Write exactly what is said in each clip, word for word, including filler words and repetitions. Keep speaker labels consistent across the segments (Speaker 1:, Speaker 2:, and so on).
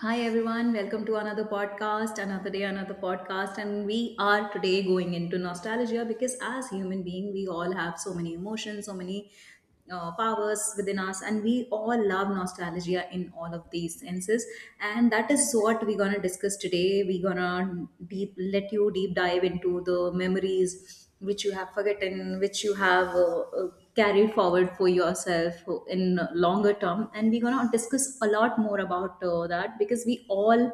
Speaker 1: Hi everyone, welcome to another podcast, another day, another podcast. And we are today going into nostalgia because as human being, we all have so many emotions, so many uh, powers within us, and we all love nostalgia in all of these senses. And that is what we're gonna discuss today. We're gonna deep let you deep dive into the memories which you have forgotten, which you have uh, uh, carried forward for yourself in longer term. And we're going to discuss a lot more about uh, that because we all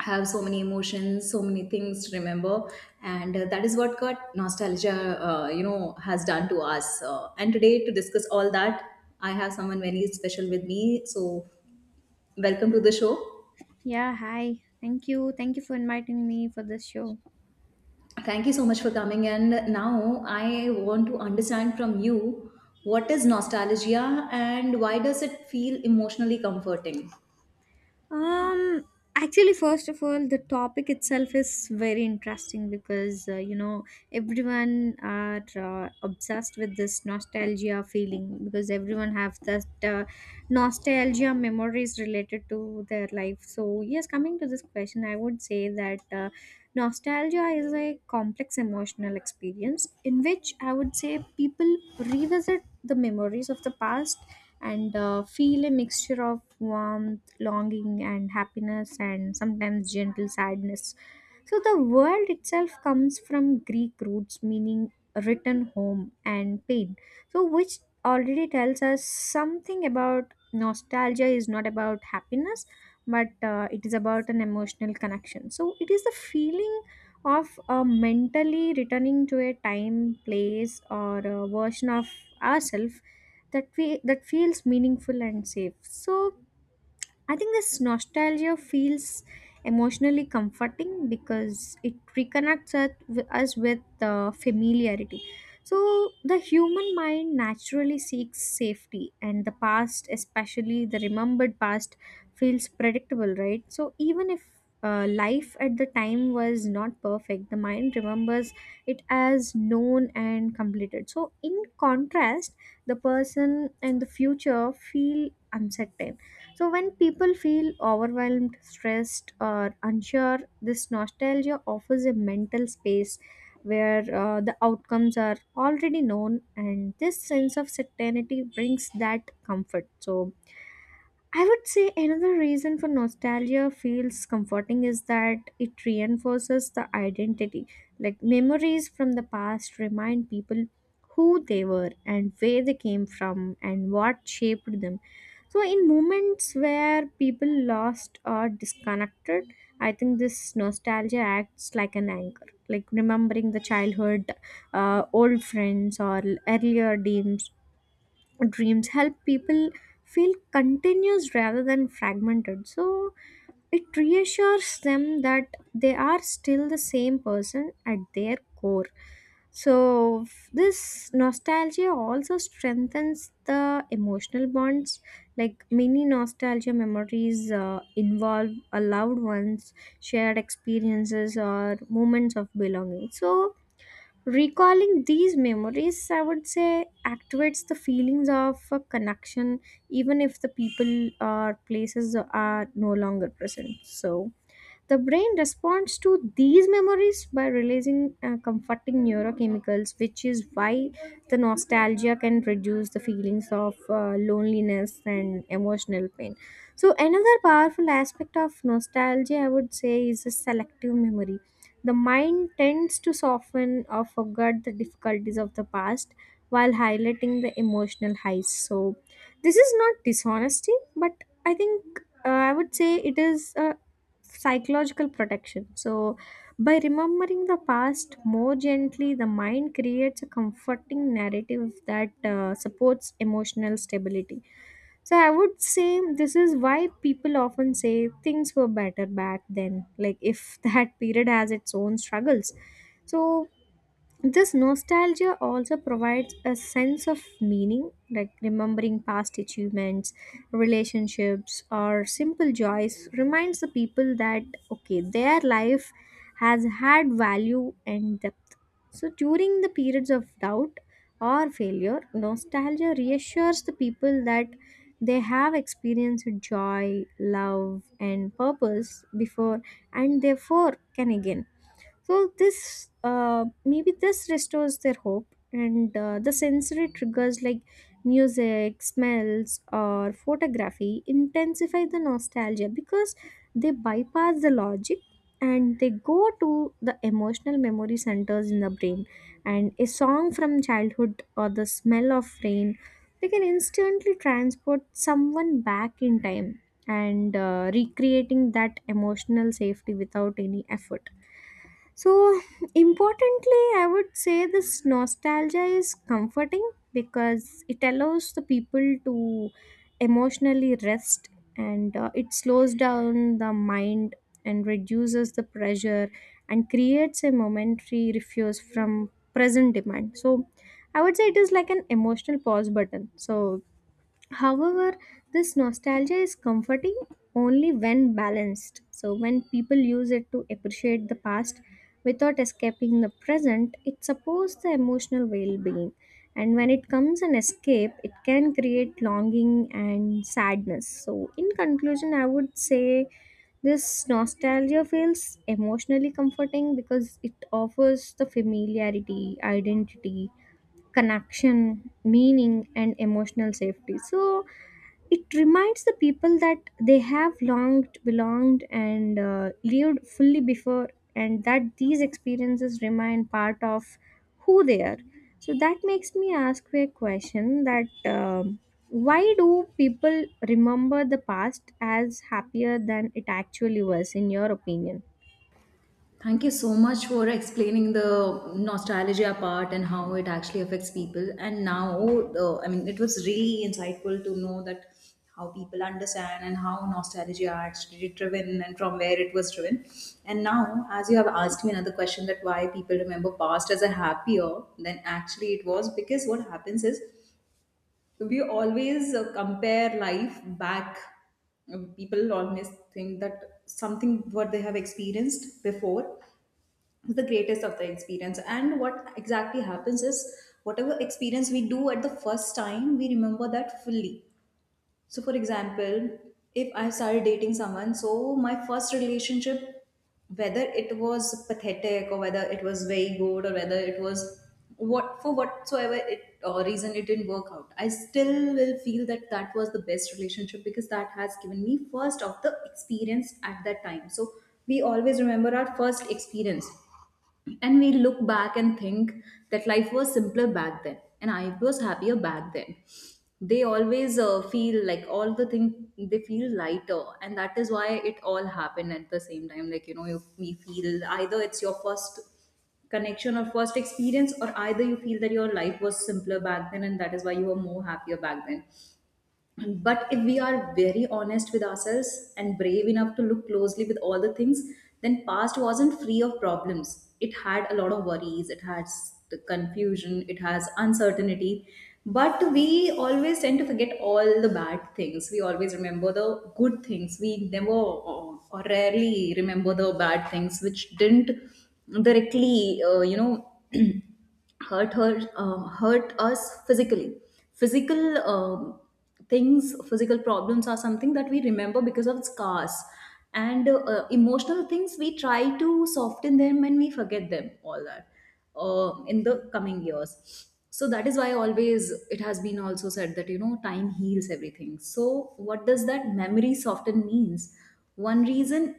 Speaker 1: have so many emotions, so many things to remember. And uh, that is what got nostalgia, uh, you know, has done to us. Uh, and today to discuss all that, I have someone very special with me. So welcome to the show.
Speaker 2: Yeah, hi. Thank you. Thank you for inviting me for this show.
Speaker 1: Thank you so much for coming. And now I want to understand from you what is nostalgia and why does it feel emotionally comforting?
Speaker 2: Um, Actually, first of all, the topic itself is very interesting because uh, you know, everyone are uh, obsessed with this nostalgia feeling because everyone have that uh, nostalgia memories related to their life. So yes, coming to this question, I would say that. Uh, Nostalgia is a complex emotional experience in which I would say people revisit the memories of the past and uh, feel a mixture of warmth, longing and happiness, and sometimes gentle sadness. So the world itself comes from Greek roots meaning return home and pain. So which already tells us something about nostalgia is not about happiness, but uh, it is about an emotional connection. So it is the feeling of uh, mentally returning to a time, place or a version of ourselves that we that feels meaningful and safe. So I think this nostalgia feels emotionally comforting because it reconnects us with us with, uh, familiarity. So the human mind naturally seeks safety, and the past, especially the remembered past, feels predictable, right? So, even if uh, life at the time was not perfect, the mind remembers it as known and completed. So, in contrast, the person and the future feel uncertain. So when people feel overwhelmed, stressed, or unsure, this nostalgia offers a mental space where uh, the outcomes are already known, and this sense of certainty brings that comfort. So I would say another reason for nostalgia feels comforting is that it reinforces the identity. Like memories from the past remind people who they were and where they came from and what shaped them. So, in moments where people lost or disconnected, I think this nostalgia acts like an anchor, like remembering the childhood, uh, old friends, or earlier dreams dreams help people feel continuous rather than fragmented. So it reassures them that they are still the same person at their core. So f- this nostalgia also strengthens the emotional bonds, like many nostalgia memories uh, involve a loved ones, shared experiences, or moments of belonging. So recalling these memories, I would say, activates the feelings of a connection, even if the people or places are no longer present. So the brain responds to these memories by releasing uh, comforting neurochemicals, which is why the nostalgia can reduce the feelings of uh, loneliness and emotional pain. So, another powerful aspect of nostalgia, I would say, is a selective memory. The mind tends to soften or forget the difficulties of the past while highlighting the emotional highs. So this is not dishonesty, but I think uh, I would say it is a psychological protection. So by remembering the past more gently, the mind creates a comforting narrative that uh, supports emotional stability. So I would say this is why people often say things were better back then, like if that period has its own struggles. So this nostalgia also provides a sense of meaning, like remembering past achievements, relationships, or simple joys reminds the people that okay, their life has had value and depth. So during the periods of doubt or failure, nostalgia reassures the people that they have experienced joy, love, and purpose before, and therefore can again. So this uh, maybe this restores their hope, and uh, the sensory triggers like music, smells, or photography intensify the nostalgia because they bypass the logic and they go to the emotional memory centers in the brain. And a song from childhood or the smell of rain, they can instantly transport someone back in time and uh, recreating that emotional safety without any effort. So, importantly, I would say this nostalgia is comforting because it allows the people to emotionally rest, and uh, it slows down the mind and reduces the pressure and creates a momentary refuse from present demand. So I would say it is like an emotional pause button. So, however, this nostalgia is comforting only when balanced. So when people use it to appreciate the past without escaping the present, it supports the emotional well being. And when it comes an escape, it can create longing and sadness. So, in conclusion, I would say this nostalgia feels emotionally comforting because it offers the familiarity, identity, connection, meaning, and emotional safety. So it reminds the people that they have longed belonged and uh, lived fully before, and that these experiences remain part of who they are. So that makes me ask you a question that um, why do people remember the past as happier than it actually was, in your opinion?
Speaker 1: Thank you so much for explaining the nostalgia part and how it actually affects people. And now, uh, I mean, it was really insightful to know that how people understand and how nostalgia actually driven and from where it was driven. And now, as you have asked me another question that why people remember past as a happier than actually it was, because what happens is we always uh, compare life back, people always think that something what they have experienced before the greatest of the experience, and what exactly happens is whatever experience we do at the first time we remember that fully. So for example, if I started dating someone, so my first relationship, whether it was pathetic or whether it was very good or whether it was what for whatsoever it or reason it didn't work out, I still will feel that that was the best relationship because that has given me first of the experience at that time. So we always remember our first experience and we look back and think that life was simpler back then and I was happier back then. They always uh, feel like all the thing, they feel lighter, and that is why it all happened at the same time, like you know you, we feel either it's your first connection or first experience, or either you feel that your life was simpler back then and that is why you were more happier back then. But if we are very honest with ourselves and brave enough to look closely with all the things, then past wasn't free of problems. It had a lot of worries, it has the confusion, it has uncertainty. But we always tend to forget all the bad things. We always remember the good things. We never or or rarely remember the bad things which didn't directly, uh, you know. hurt her um, hurt us physically, physical um, things physical problems are something that we remember because of scars, and uh, emotional things we try to soften them and we forget them all that uh, in the coming years. So that is why always it has been also said that you know time heals everything. So what does that memory soften means? One reason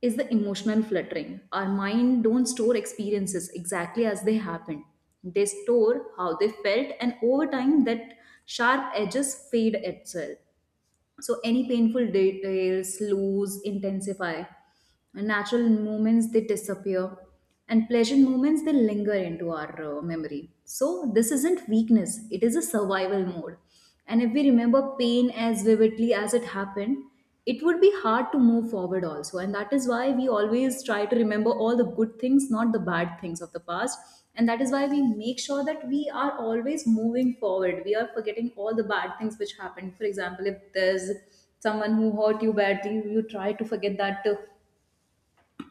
Speaker 1: is the emotional fluttering. Our mind don't store experiences exactly as they happen. They store how they felt, and over time that sharp edges fade itself. So any painful details lose, intensify. And natural moments they disappear and pleasant moments they linger into our uh, memory. So this isn't weakness, it is a survival mode. And if we remember pain as vividly as it happened, it would be hard to move forward also, and that is why we always try to remember all the good things, not the bad things of the past. And that is why we make sure that we are always moving forward, we are forgetting all the bad things which happened. For example, if there's someone who hurt you badly, you try to forget that too,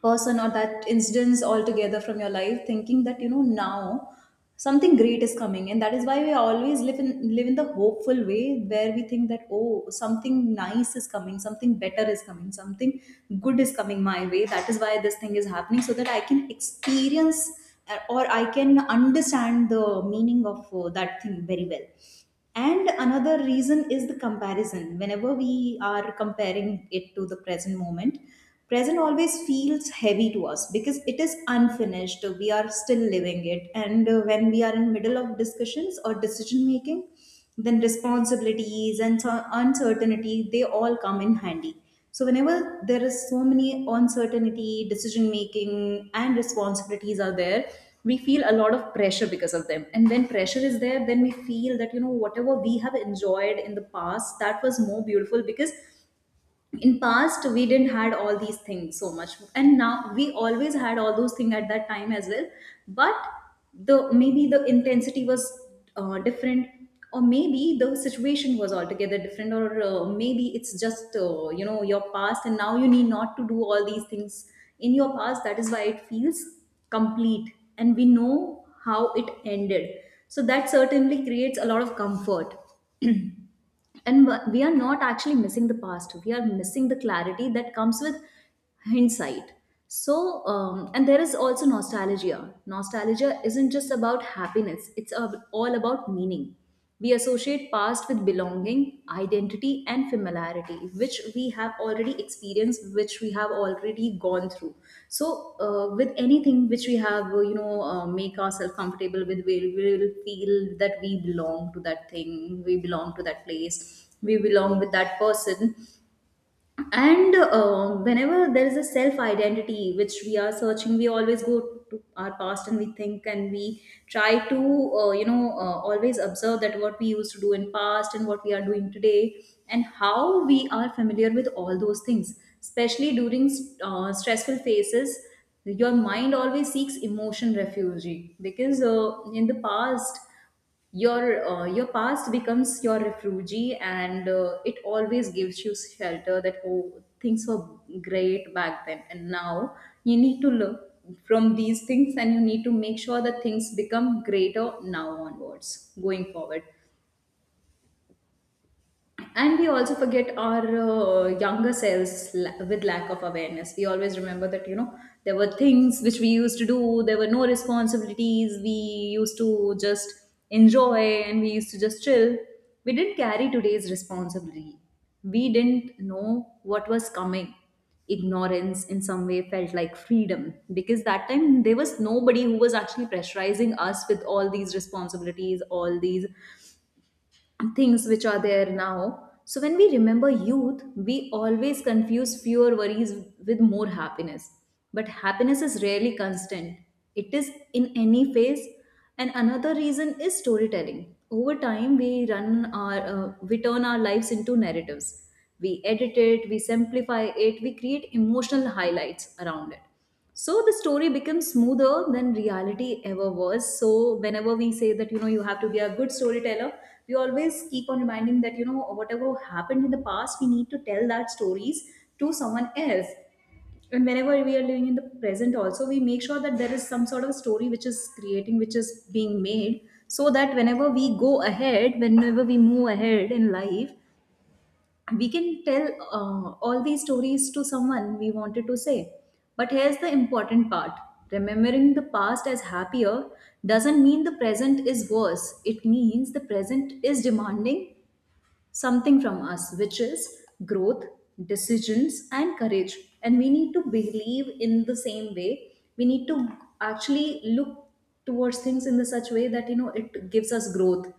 Speaker 1: person or that incidents altogether from your life, thinking that you know now something great is coming, and that is why we always live in live in the hopeful way, where we think that oh something nice is coming, something better is coming, something good is coming my way, that is why this thing is happening, so that I can experience uh, or I can understand the meaning of uh, that thing very well. And another reason is the comparison. Whenever we are comparing it to the present moment, present always feels heavy to us because it is unfinished. We are still living it. And uh, when we are in middle of discussions or decision making, then responsibilities and so- uncertainty, they all come in handy. So whenever there is so many uncertainty, decision making, and responsibilities are there, we feel a lot of pressure because of them. And when pressure is there, then we feel that you know whatever we have enjoyed in the past, that was more beautiful, because in past we didn't had all these things so much, and now we always had all those things at that time as well, but the maybe the intensity was uh, different, or maybe the situation was altogether different, or uh, maybe it's just uh, you know your past and now you need not to do all these things in your past, that is why it feels complete and we know how it ended, so that certainly creates a lot of comfort. And wh- we are not actually missing the past, we are missing the clarity that comes with hindsight. So um, and there is also nostalgia nostalgia isn't just about happiness, it's ab- all about meaning. We associate past with belonging, identity and familiarity, which we have already experienced, which we have already gone through. So, uh, with anything which we have, uh, you know, uh, make ourselves comfortable with, we will feel that we belong to that thing, we belong to that place, we belong with that person. And uh, whenever there is a self identity which we are searching, we always go to our past and we think and we try to uh, you know uh, always observe that what we used to do in past and what we are doing today, and how we are familiar with all those things, especially during uh, stressful phases your mind always seeks emotion refuge, because uh, in the past your uh, your past becomes your refuge. And uh, it always gives you shelter that oh things were great back then, and now you need to learn from these things and you need to make sure that things become greater now onwards going forward. And we also forget our uh, younger selves, la- with lack of awareness we always remember that you know there were things which we used to do, there were no responsibilities, we used to just enjoy and we used to just chill. We didn't carry today's responsibility, we didn't know what was coming. Ignorance in some way felt like freedom, because that time there was nobody who was actually pressurizing us with all these responsibilities, all these things which are there now. So when we remember youth, we always confuse fewer worries with more happiness. But happiness is rarely constant. It is in any phase. And another reason is storytelling. Over time, we run our, uh, we turn our lives into narratives. We edit it, we simplify it, we create emotional highlights around it. So the story becomes smoother than reality ever was. So whenever we say that you know you have to be a good storyteller, we always keep on reminding that you know whatever happened in the past, we need to tell that stories to someone else. And whenever we are living in the present, also we make sure that there is some sort of story which is creating, which is being made, so that whenever we go ahead, whenever we move ahead in life, we can tell uh, all these stories to someone we wanted to say. But here's the important part, remembering the past as happier doesn't mean the present is worse, it means the present is demanding something from us, which is growth, decisions, and courage. And we need to believe in the same way. We need to actually look towards things in the such way that you know it gives us growth.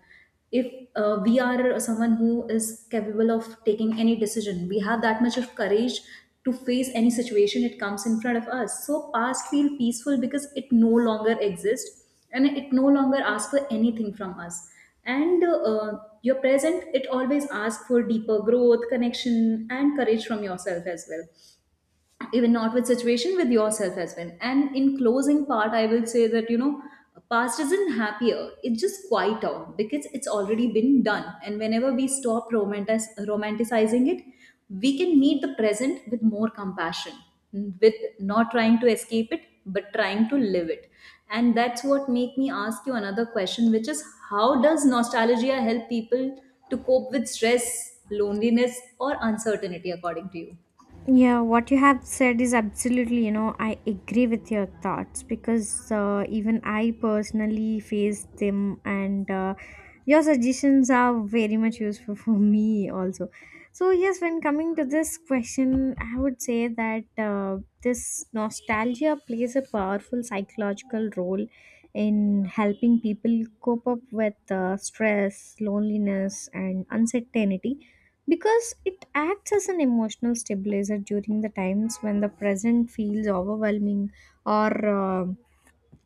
Speaker 1: If uh, we are someone who is capable of taking any decision, we have that much of courage to face any situation it comes in front of us. So past feel peaceful because it no longer exists and it no longer asks for anything from us. And uh, your present, it always asks for deeper growth, connection and courage from yourself as well, even not with situation, with yourself as well. And in closing part, I will say that you know past isn't happier, it's just quieter because it's already been done. And whenever we stop romantic- romanticizing it, we can meet the present with more compassion, with not trying to escape it but trying to live it. And that's what make me ask you another question, which is how does nostalgia help people to cope with stress, loneliness or uncertainty according to you?
Speaker 2: Yeah, what you have said is absolutely, you know, I agree with your thoughts because uh, even I personally face them, and uh, your suggestions are very much useful for me also. So, yes, when coming to this question, I would say that uh, this nostalgia plays a powerful psychological role in helping people cope up with uh, stress, loneliness, and uncertainty because it acts as an emotional stabilizer during the times when the present feels overwhelming or uh,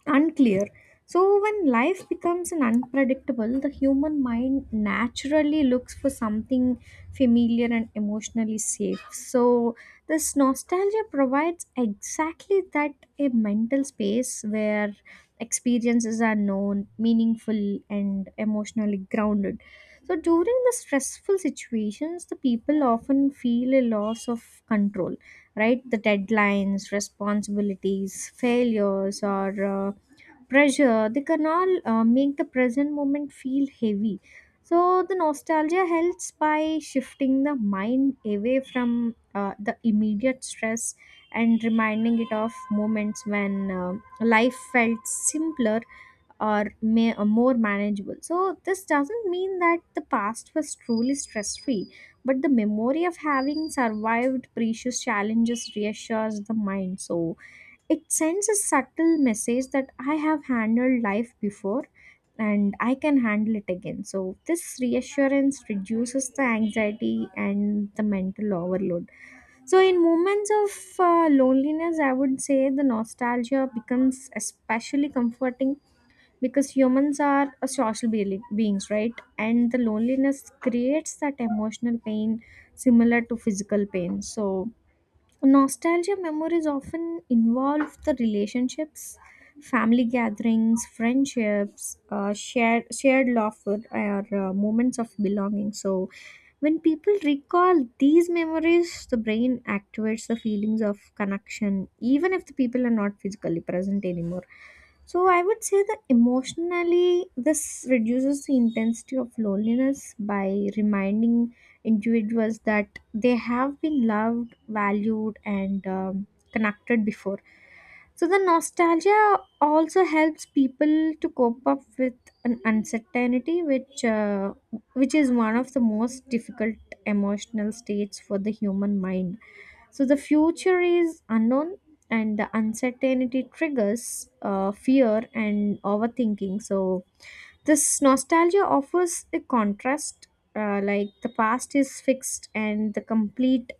Speaker 2: unclear. So, when life becomes an unpredictable, the human mind naturally looks for something familiar and emotionally safe. So this nostalgia provides exactly that, a mental space where experiences are known, meaningful, and emotionally grounded. So, during the stressful situations, the people often feel a loss of control, right? The deadlines, responsibilities, failures, or uh, pressure, they can all uh, make the present moment feel heavy. So the nostalgia helps by shifting the mind away from uh, the immediate stress and reminding it of moments when um life felt simpler or may, uh, more manageable. So this doesn't mean that the past was truly stress free, but the memory of having survived precious challenges reassures the mind. So it sends a subtle message that I have handled life before and I can handle it again. So this reassurance reduces the anxiety and the mental overload. So, in moments of uh, loneliness, I would say the nostalgia becomes especially comforting because humans are a social be- beings, right? And the loneliness creates that emotional pain similar to physical pain. So nostalgia memories often involve the relationships, family gatherings, friendships, uh, shared shared laughter, or uh, moments of belonging. So when people recall these memories, the brain activates the feelings of connection, even if the people are not physically present anymore. So I would say that emotionally, this reduces the intensity of loneliness by reminding individuals that they have been loved, valued, and um, connected before. So the nostalgia also helps people to cope up with an uncertainty, which uh, which is one of the most difficult emotional states for the human mind. So the future is unknown, and the uncertainty triggers uh, fear and overthinking. So this nostalgia offers a contrast. Uh, like the past is fixed and the complete,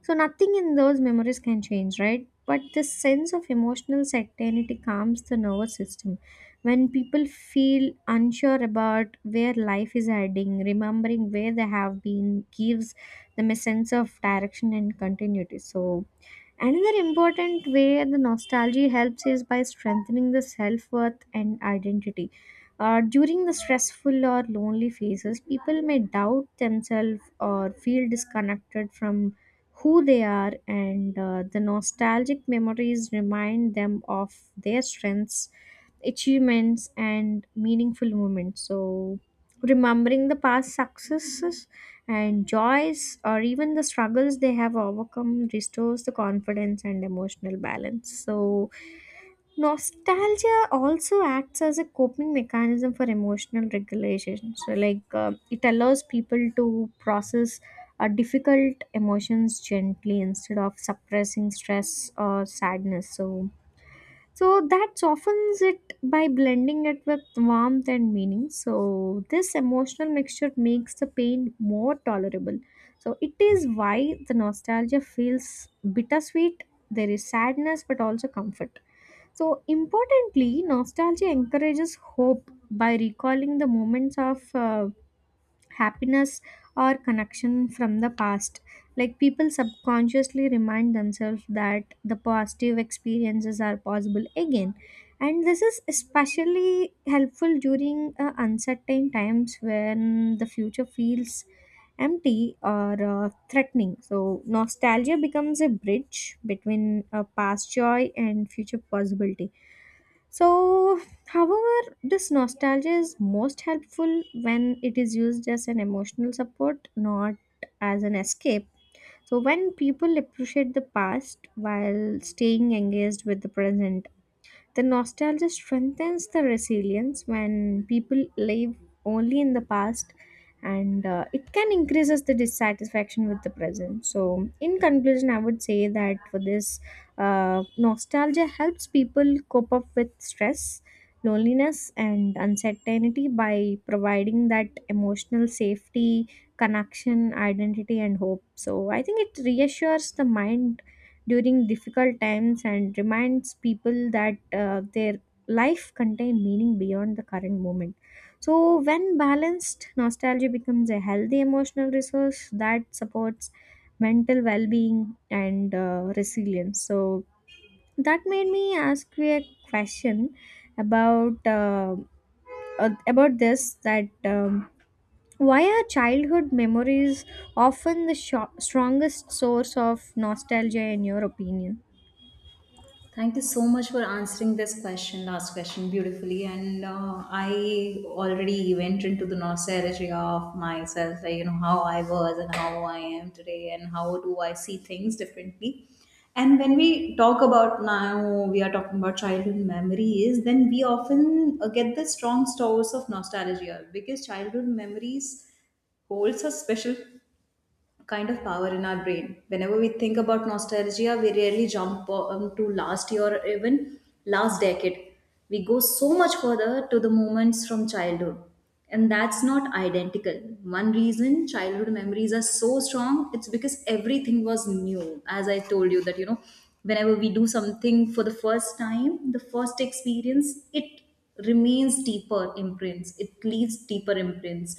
Speaker 2: so nothing in those memories can change, right? But this sense of emotional certainty calms the nervous system. When people feel unsure about where life is heading, remembering where they have been gives them a sense of direction and continuity. So another important way the nostalgia helps is by strengthening the self worth and identity. Uh, during the stressful or lonely phases, people may doubt themselves or feel disconnected from who they are, and uh, the nostalgic memories remind them of their strengths, achievements, and meaningful moments. So remembering the past successes and joys, or even the struggles they have overcome, restores the confidence and emotional balance. So nostalgia also acts as a coping mechanism for emotional regulation. So like uh, it allows people to process uh, difficult emotions gently instead of suppressing stress or sadness. So so that softens it by blending it with warmth and meaning. So this emotional mixture makes the pain more tolerable. So it is why the nostalgia feels bittersweet. There is sadness but also comfort. So importantly, nostalgia encourages hope by recalling the moments of uh, happiness or connection from the past. Like people subconsciously remind themselves that the positive experiences are possible again. And this is especially helpful during uh, uncertain times when the future feels empty or uh, threatening. So nostalgia becomes a bridge between uh, past joy and future possibility. So, however, this nostalgia is most helpful when it is used as an emotional support, not as an escape. So when people appreciate the past while staying engaged with the present, the nostalgia strengthens the resilience. When people live only in the past, and uh, it can increases the dissatisfaction with the present. So in conclusion, I would say that for this uh, nostalgia helps people cope up with stress, loneliness, and uncertainty by providing that emotional safety, connection, identity, and hope. So I think it reassures the mind during difficult times and reminds people that uh, their life contain meaning beyond the current moment. So when balanced, nostalgia becomes a healthy emotional resource that supports mental well-being and uh, resilience. So that made me ask you a question about uh, uh, about this that um, why are childhood memories often the sho- strongest source of nostalgia, in your opinion?
Speaker 1: Thank you so much for answering this question, last question, beautifully. And uh, I already went into the nostalgia of myself, like, you know, how I was and how I am today, and how do I see things differently. And when we talk about now, we are talking about childhood memories, then we often uh, get the strong stores of nostalgia because childhood memories holds a special kind of power in our brain. Whenever we think about nostalgia, we rarely jump um, to last year or even last decade. We go so much further to the moments from childhood. And that's not identical. One reason childhood memories are so strong, it's because everything was new. As I told you, that you know, whenever we do something for the first time, the first experience, it remains deeper imprints, it leaves deeper imprints.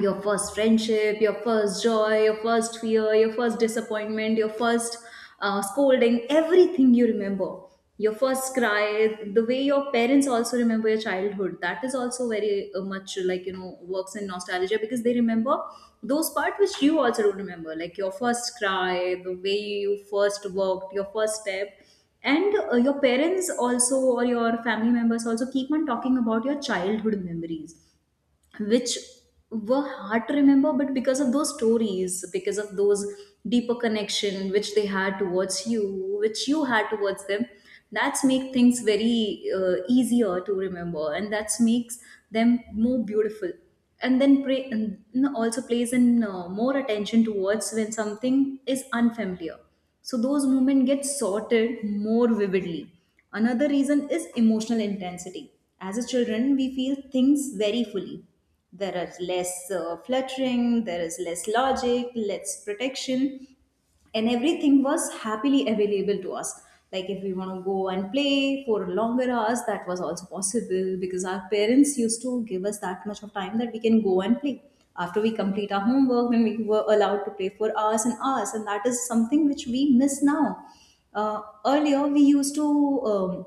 Speaker 1: Your first friendship, your first joy, your first fear, your first disappointment, your first uh, scolding, everything you remember. Your first cry, the way your parents also remember your childhood, that is also very uh, much like, you know, works in nostalgia because they remember those parts which you also don't remember, like your first cry, the way you first walked, your first step. And uh, your parents also, or your family members also keep on talking about your childhood memories which were hard to remember, but because of those stories, because of those deeper connection which they had towards you, which you had towards them, that's make things very uh, easier to remember, and that's makes them more beautiful. And then pray, and also plays in uh, more attention towards when something is unfamiliar, so those moments get sorted more vividly. Another reason is emotional intensity. As a children, we feel things very fully. There is less uh, fluttering, there is less logic, less protection, and everything was happily available to us. Like if we want to go and play for longer hours, that was also possible because our parents used to give us that much of time that we can go and play. After we complete our homework, then we were allowed to play for hours and hours, and that is something which we miss now. Uh, earlier we used to um,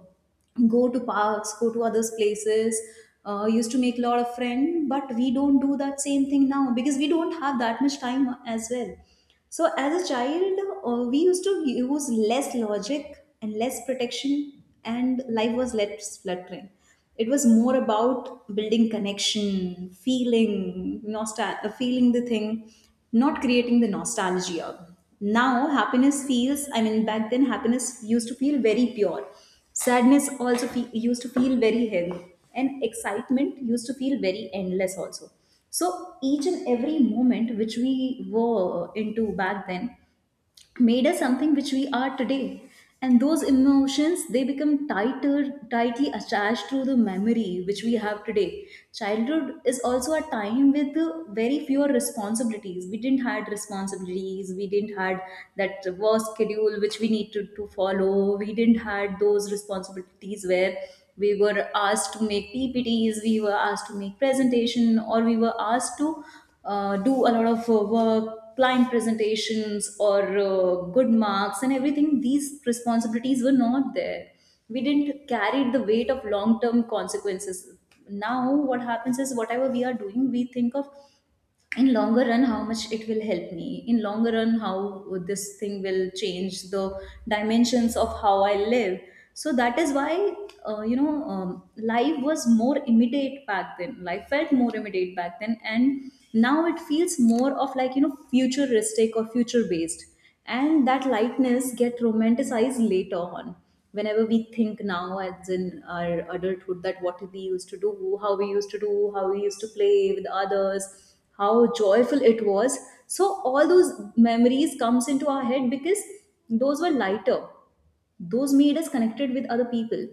Speaker 1: go to parks, go to others places. Uh, used to make a lot of friends, but we don't do that same thing now because we don't have that much time as well. So as a child, uh, we used to use less logic and less protection, and life was less fluttering. It was more about building connection, feeling nostal- uh, feeling the thing, not creating the nostalgia. Now happiness feels. I mean, back then happiness used to feel very pure. Sadness also fe- used to feel very heavy, and excitement used to feel very endless also. So each and every moment which we were into back then made us something which we are today, and those emotions, they become tighter tightly attached to the memory which we have today. Childhood is also a time with uh, very fewer responsibilities. We didn't had responsibilities, we didn't had that work schedule which we need to, to follow. We didn't had those responsibilities where we were asked to make ppts, we were asked to make presentation, or we were asked to uh, do a lot of uh, work, client presentations, or uh, good marks and everything, these responsibilities were not there. We didn't carry the weight of long term consequences. Now, what happens is whatever we are doing, we think of in longer run how much it will help me in longer run, how this thing will change the dimensions of how I live. So that is why, uh, you know um, life was more immediate back then, life felt more immediate back then, and now it feels more of like, you know, futuristic or future based, and that lightness get romanticized later on. Whenever we think now as in our adulthood that what we used to do, how we used to do, how we used to play with others, how joyful it was, so all those memories comes into our head because those were lighter, those made us connected with other people.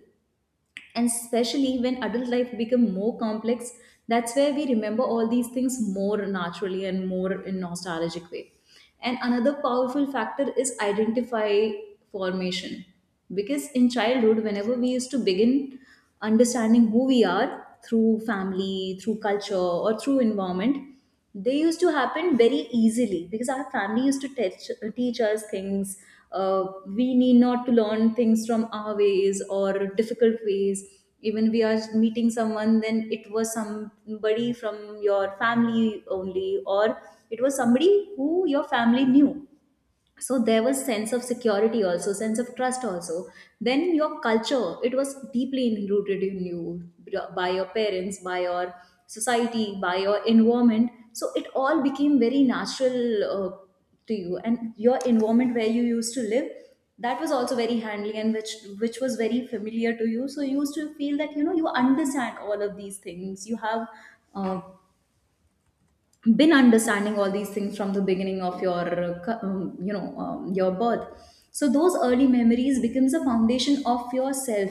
Speaker 1: And especially when adult life become more complex, that's where we remember all these things more naturally and more in nostalgic way. And another powerful factor is identify formation, because in childhood whenever we used to begin understanding who we are through family, through culture or through environment, they used to happen very easily because our family used to teach, teach us things. Uh, we need not to learn things from our ways or difficult ways. Even we are meeting someone, then it was somebody from your family only, or it was somebody who your family knew, so there was sense of security also, sense of trust also. Then in your culture, it was deeply rooted in you, by your parents, by your society, by your environment, so it all became very natural uh, to you. And your environment where you used to live, that was also very handling, and which which was very familiar to you, so you used to feel that you know you understand all of these things, you have uh, been understanding all these things from the beginning of your uh, cu- um, you know um, your birth. So those early memories becomes a foundation of yourself.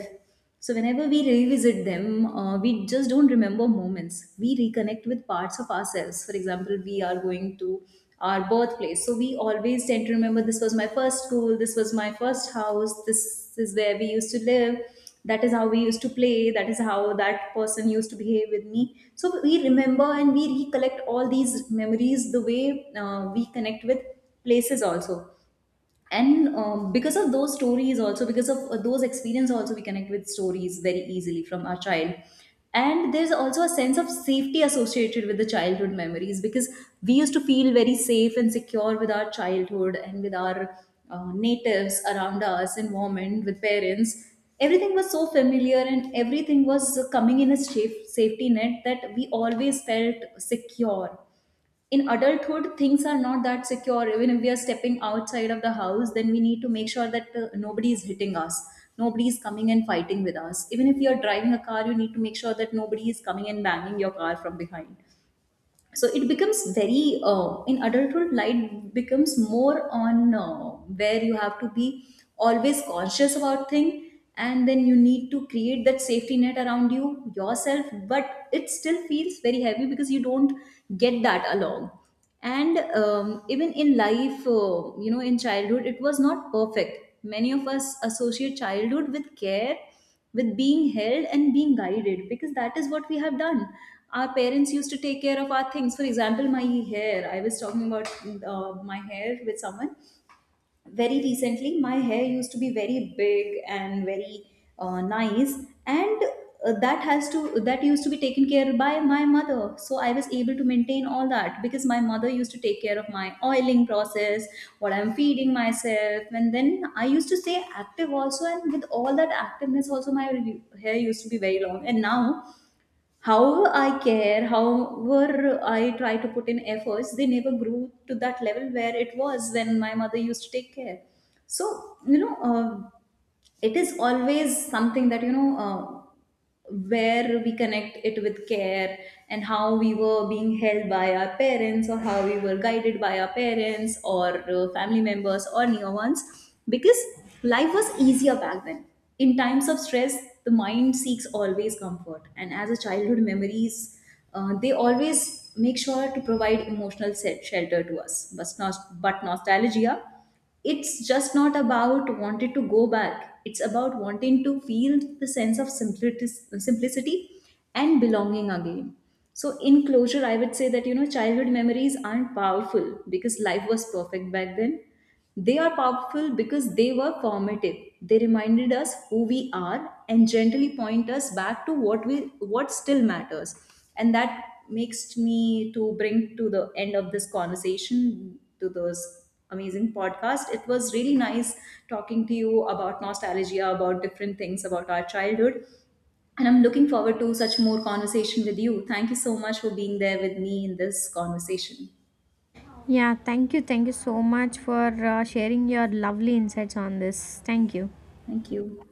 Speaker 1: So whenever we revisit them, uh, we just don't remember moments, we reconnect with parts of ourselves. For example, we are going to our birthplace, so we always tend to remember, this was my first school, this was my first house, this is where we used to live, that is how we used to play, that is how that person used to behave with me. So we remember and we recollect all these memories, the way uh, we connect with places also. And um, because of those stories also, because of uh, those experience also, we connect with stories very easily from our child. And there's also a sense of safety associated with the childhood memories, because we used to feel very safe and secure with our childhood and with our uh, natives around us, environment, with parents. Everything was so familiar, and everything was coming in a safe safety net, that we always felt secure. In adulthood, things are not that secure. Even if we are stepping outside of the house, then we need to make sure that uh, nobody is hitting us, nobody is coming and fighting with us. Even if you are driving a car, you need to make sure that nobody is coming and banging your car from behind. So it becomes very uh, in adulthood, light becomes more on uh, where you have to be always conscious about thing, and then you need to create that safety net around you yourself, but it still feels very heavy because you don't get that along. And um, even in life, uh, you know in childhood it was not perfect. Many of us associate childhood with care, with being held and being guided, because that is what we have done. Our parents used to take care of our things. For example, my hair, I was talking about uh, my hair with someone very recently. My hair used to be very big and very uh, nice. And uh, that has to that used to be taken care by my mother. So I was able to maintain all that because my mother used to take care of my oiling process, what I'm feeding myself, and then I used to stay active also, and with all that activeness also, my hair used to be very long. And now, however I care, however I try to put in efforts, they never grew to that level where it was when my mother used to take care. So, you know, uh, it is always something that you know uh, where we connect it with care, and how we were being held by our parents, or how we were guided by our parents, or uh, family members or near ones, because life was easier back then. In times of stress, the mind seeks always comfort, and as a childhood memories, uh, they always make sure to provide emotional se- shelter to us. But nos- but nostalgia, it's just not about wanting to go back, it's about wanting to feel the sense of simplicity, simplicity and belonging again. So in closure, I would say that you know childhood memories aren't powerful because life was perfect back then, they are powerful because they were formative. They reminded us who we are, and gently point us back to what we what still matters. And that makes me to bring to the end of this conversation to those amazing podcast. It was really nice talking to you about nostalgia, about different things, about our childhood. And I'm looking forward to such more conversation with you. Thank you so much for being there with me in this conversation.
Speaker 2: Yeah, thank you. Thank you so much for uh, sharing your lovely insights on this. Thank you.
Speaker 1: Thank you.